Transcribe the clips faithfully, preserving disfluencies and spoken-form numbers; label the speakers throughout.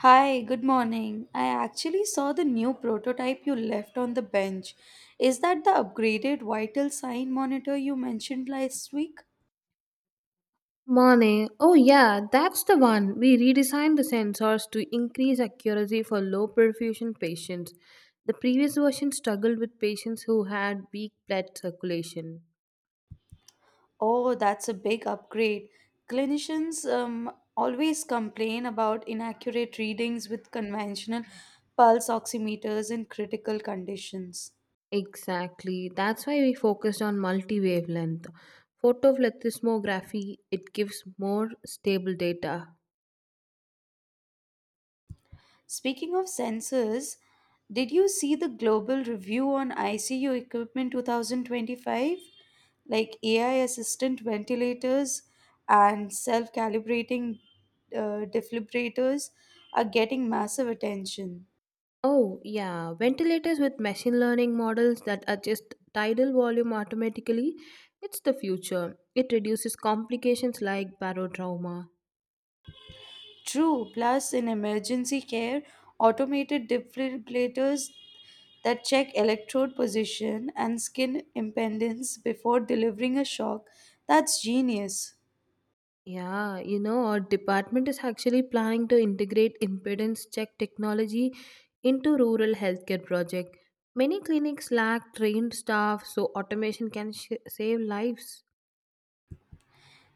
Speaker 1: Hi, good morning. I actually saw the new prototype you left on the bench. Is that the upgraded vital sign monitor you mentioned last week?
Speaker 2: Monet. Oh, yeah, that's the one. We redesigned the sensors to increase accuracy for low perfusion patients. The previous version struggled with patients who had weak blood circulation.
Speaker 1: Oh, that's a big upgrade. Clinicians um, always complain about inaccurate readings with conventional pulse oximeters in critical conditions.
Speaker 2: Exactly. That's why we focused on multi wavelength photoplethysmography. It gives more stable data.
Speaker 1: Speaking of sensors, did you see the global review on I C U equipment twenty twenty-five? Like A I assistant ventilators and self calibrating uh, defibrillators are getting massive attention.
Speaker 2: Oh, yeah. Ventilators with machine learning models that adjust tidal volume automatically. It's the future. It reduces complications like barotrauma.
Speaker 1: True, plus in emergency care, automated defibrillators that check electrode position and skin impedance before delivering a shock. That's genius.
Speaker 2: Yeah, you know, our department is actually planning to integrate impedance check technology into rural healthcare project. Many clinics lack trained staff, so automation can sh- save lives.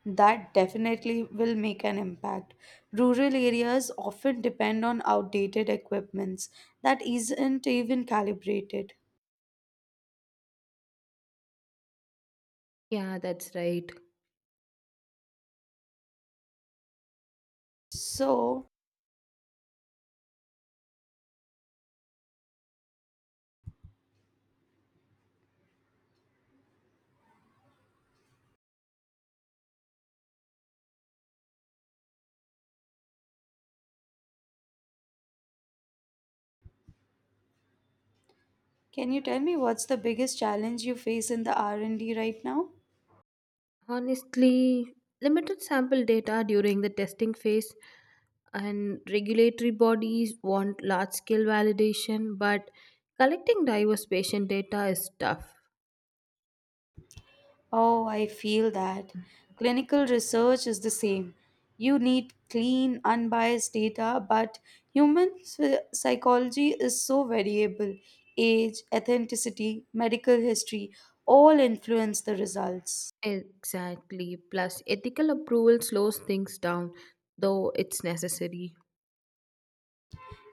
Speaker 1: That definitely will make an impact. Rural areas often depend on outdated equipments that isn't even calibrated.
Speaker 2: Yeah, that's right.
Speaker 1: So, can you tell me what's the biggest challenge you face in the R and D right now?
Speaker 2: Honestly, limited sample data during the testing phase, and regulatory bodies want large scale validation, but collecting diverse patient data is tough.
Speaker 1: Oh, I feel that. Clinical research is the same. You need clean, unbiased data, but human psy- psychology is so variable. Age, authenticity, medical history all influence the results.
Speaker 2: Exactly. Plus, ethical approval slows things down, though it's necessary.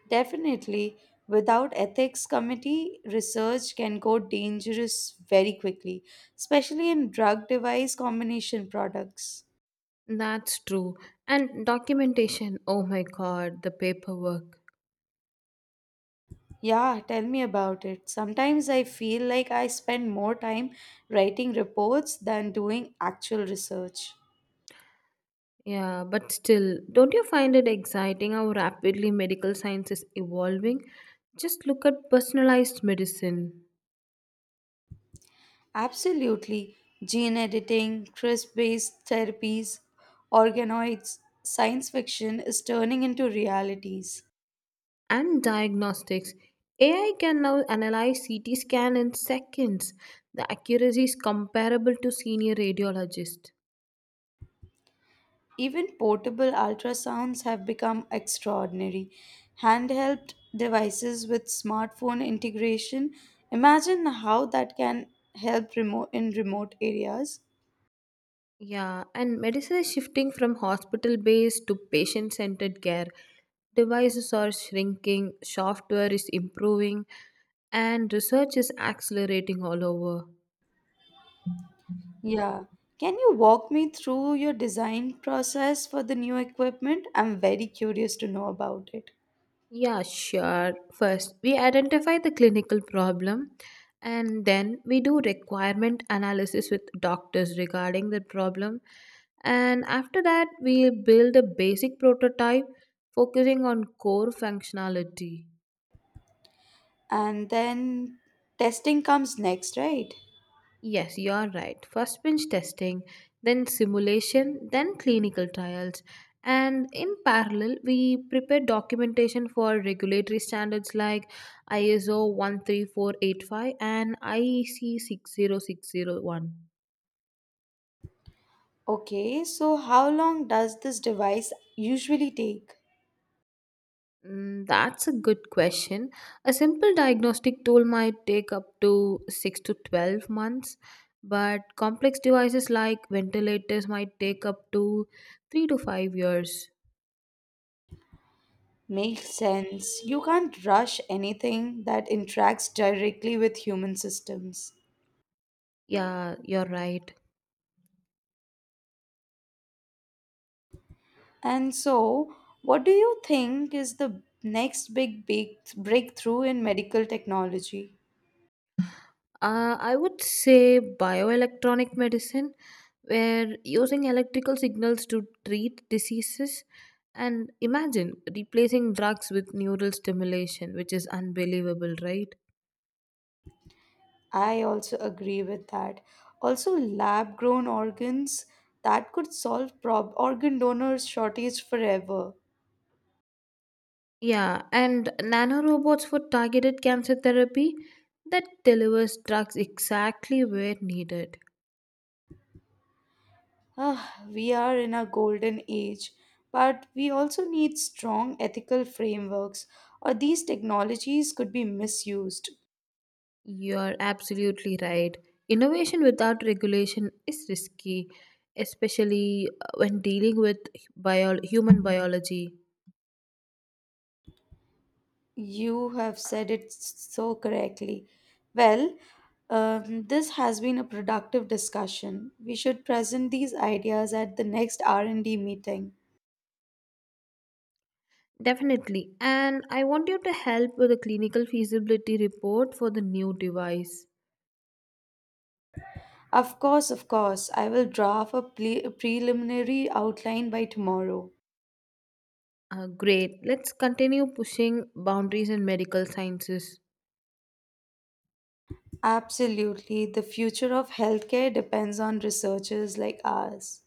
Speaker 1: Definitely, without ethics committee, research can go dangerous very quickly, especially in drug device combination products.
Speaker 2: That's true. And documentation, oh my god, the paperwork.
Speaker 1: Yeah, tell me about it. Sometimes I feel like I spend more time writing reports than doing actual research.
Speaker 2: Yeah, but still, don't you find it exciting how rapidly medical science is evolving? Just look at personalized medicine
Speaker 1: Absolutely. Gene editing, CRISP based therapies, organoids, science fiction is turning into realities.
Speaker 2: and diagnostics. A I can now analyze C T scan in seconds. The accuracy is comparable to senior radiologists.
Speaker 1: Even portable ultrasounds have become extraordinary. Handheld devices with smartphone integration. Imagine how that can help remote in remote areas.
Speaker 2: Yeah, and medicine is shifting from hospital based to patient centered care. Devices are shrinking, software is improving, and research is accelerating all over.
Speaker 1: Yeah. Can you walk me through your design process for the new equipment? I'm very curious to know about it.
Speaker 2: Yeah, sure. First, we identify the clinical problem, and then we do requirement analysis with doctors regarding the problem. And after that, we build a basic prototype focusing on core functionality.
Speaker 1: And then testing comes next, right?
Speaker 2: Yes, you are right. First bench testing, then simulation, then clinical trials. And in parallel, we prepare documentation for regulatory standards like I S O thirteen four eighty-five and I E C 60601.
Speaker 1: Okay, so how long does this device usually take?
Speaker 2: Mm, that's a good question. A simple diagnostic tool might take up to six to twelve months, but complex devices like ventilators might take up to three to five years.
Speaker 1: Makes sense. You can't rush anything that interacts directly with human systems.
Speaker 2: Yeah, you're right.
Speaker 1: And so, what do you think is the next big, big breakthrough in medical technology?
Speaker 2: Uh, I would say bioelectronic medicine, where using electrical signals to treat diseases. And imagine replacing drugs with neural stimulation, which is unbelievable, right?
Speaker 1: I also agree with that. Also, lab grown organs that could solve prob- organ donors shortage forever.
Speaker 2: Yeah, and nanorobots for targeted cancer therapy that delivers drugs exactly where needed.
Speaker 1: Ah, we are in a golden age, but we also need strong ethical frameworks, or these technologies could be misused.
Speaker 2: You are absolutely right. Innovation without regulation is risky, especially uh, when dealing with bio- human biology.
Speaker 1: You have said it so correctly. Well, um, this has been a productive discussion. We should present these ideas at the next R and D meeting.
Speaker 2: Definitely. And I want you to help with the clinical feasibility report for the new device.
Speaker 1: Of course, of course, I will draft a ple- preliminary outline by tomorrow.
Speaker 2: Uh, great. Let's continue pushing boundaries in medical sciences.
Speaker 1: Absolutely. The future of healthcare depends on researchers like ours.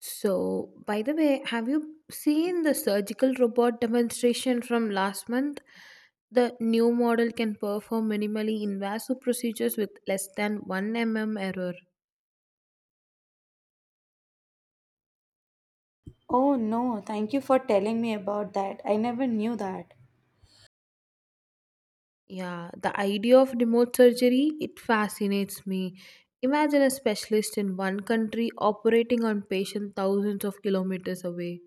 Speaker 2: So, by the way, have you seen the surgical robot demonstration from last month? The new model can perform minimally invasive procedures with less than one millimeter error.
Speaker 1: Oh no, thank you for telling me about that. I never knew that.
Speaker 2: Yeah, the idea of remote surgery, it fascinates me. Imagine a specialist in one country operating on patients thousands of kilometers away.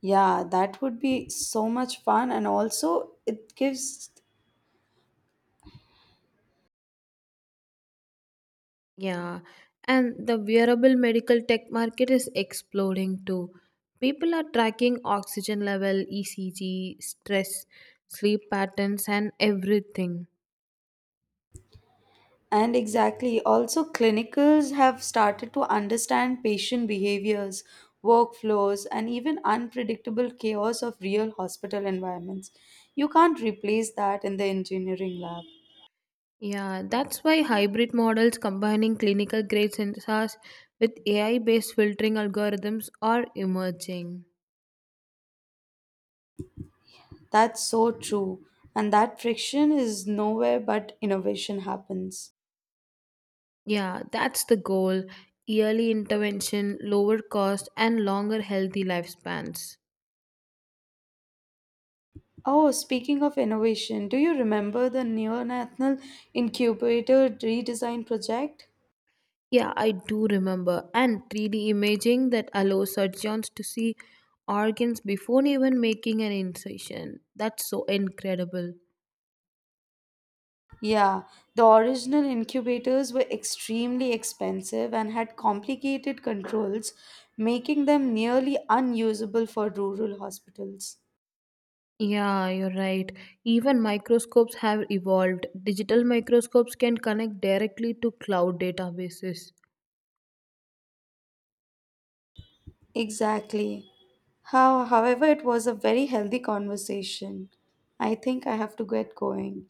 Speaker 1: Yeah, that would be so much fun and also it gives
Speaker 2: Yeah, and the wearable medical tech market is exploding too. People are tracking oxygen level, E C G, stress, sleep patterns, and everything.
Speaker 1: and exactly also clinicals have started to understand patient behaviors, workflows and even unpredictable chaos of real hospital environments. You can't replace that in the engineering lab.
Speaker 2: Yeah, that's why hybrid models combining clinical grade sensors with A I based filtering algorithms are emerging.
Speaker 1: That's so true. And that friction is nowhere but innovation happens.
Speaker 2: Yeah, that's the goal: yearly intervention, lower cost, and longer healthy lifespans.
Speaker 1: Oh, speaking of innovation, do you remember the neonatal incubator redesign project?
Speaker 2: Yeah, I do remember. And three D imaging that allows surgeons to see organs before even making an incision. That's so incredible.
Speaker 1: Yeah, the original incubators were extremely expensive and had complicated controls, making them nearly unusable for rural hospitals.
Speaker 2: Yeah, you're right. Even microscopes have evolved. Digital microscopes can connect directly to cloud databases.
Speaker 1: Exactly. How, however, it was a very healthy conversation. I think I have to get going.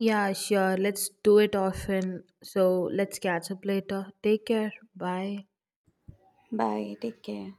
Speaker 2: Yeah, sure. Let's do it often. So let's catch up later. Take care. Bye.
Speaker 1: Bye. Take care.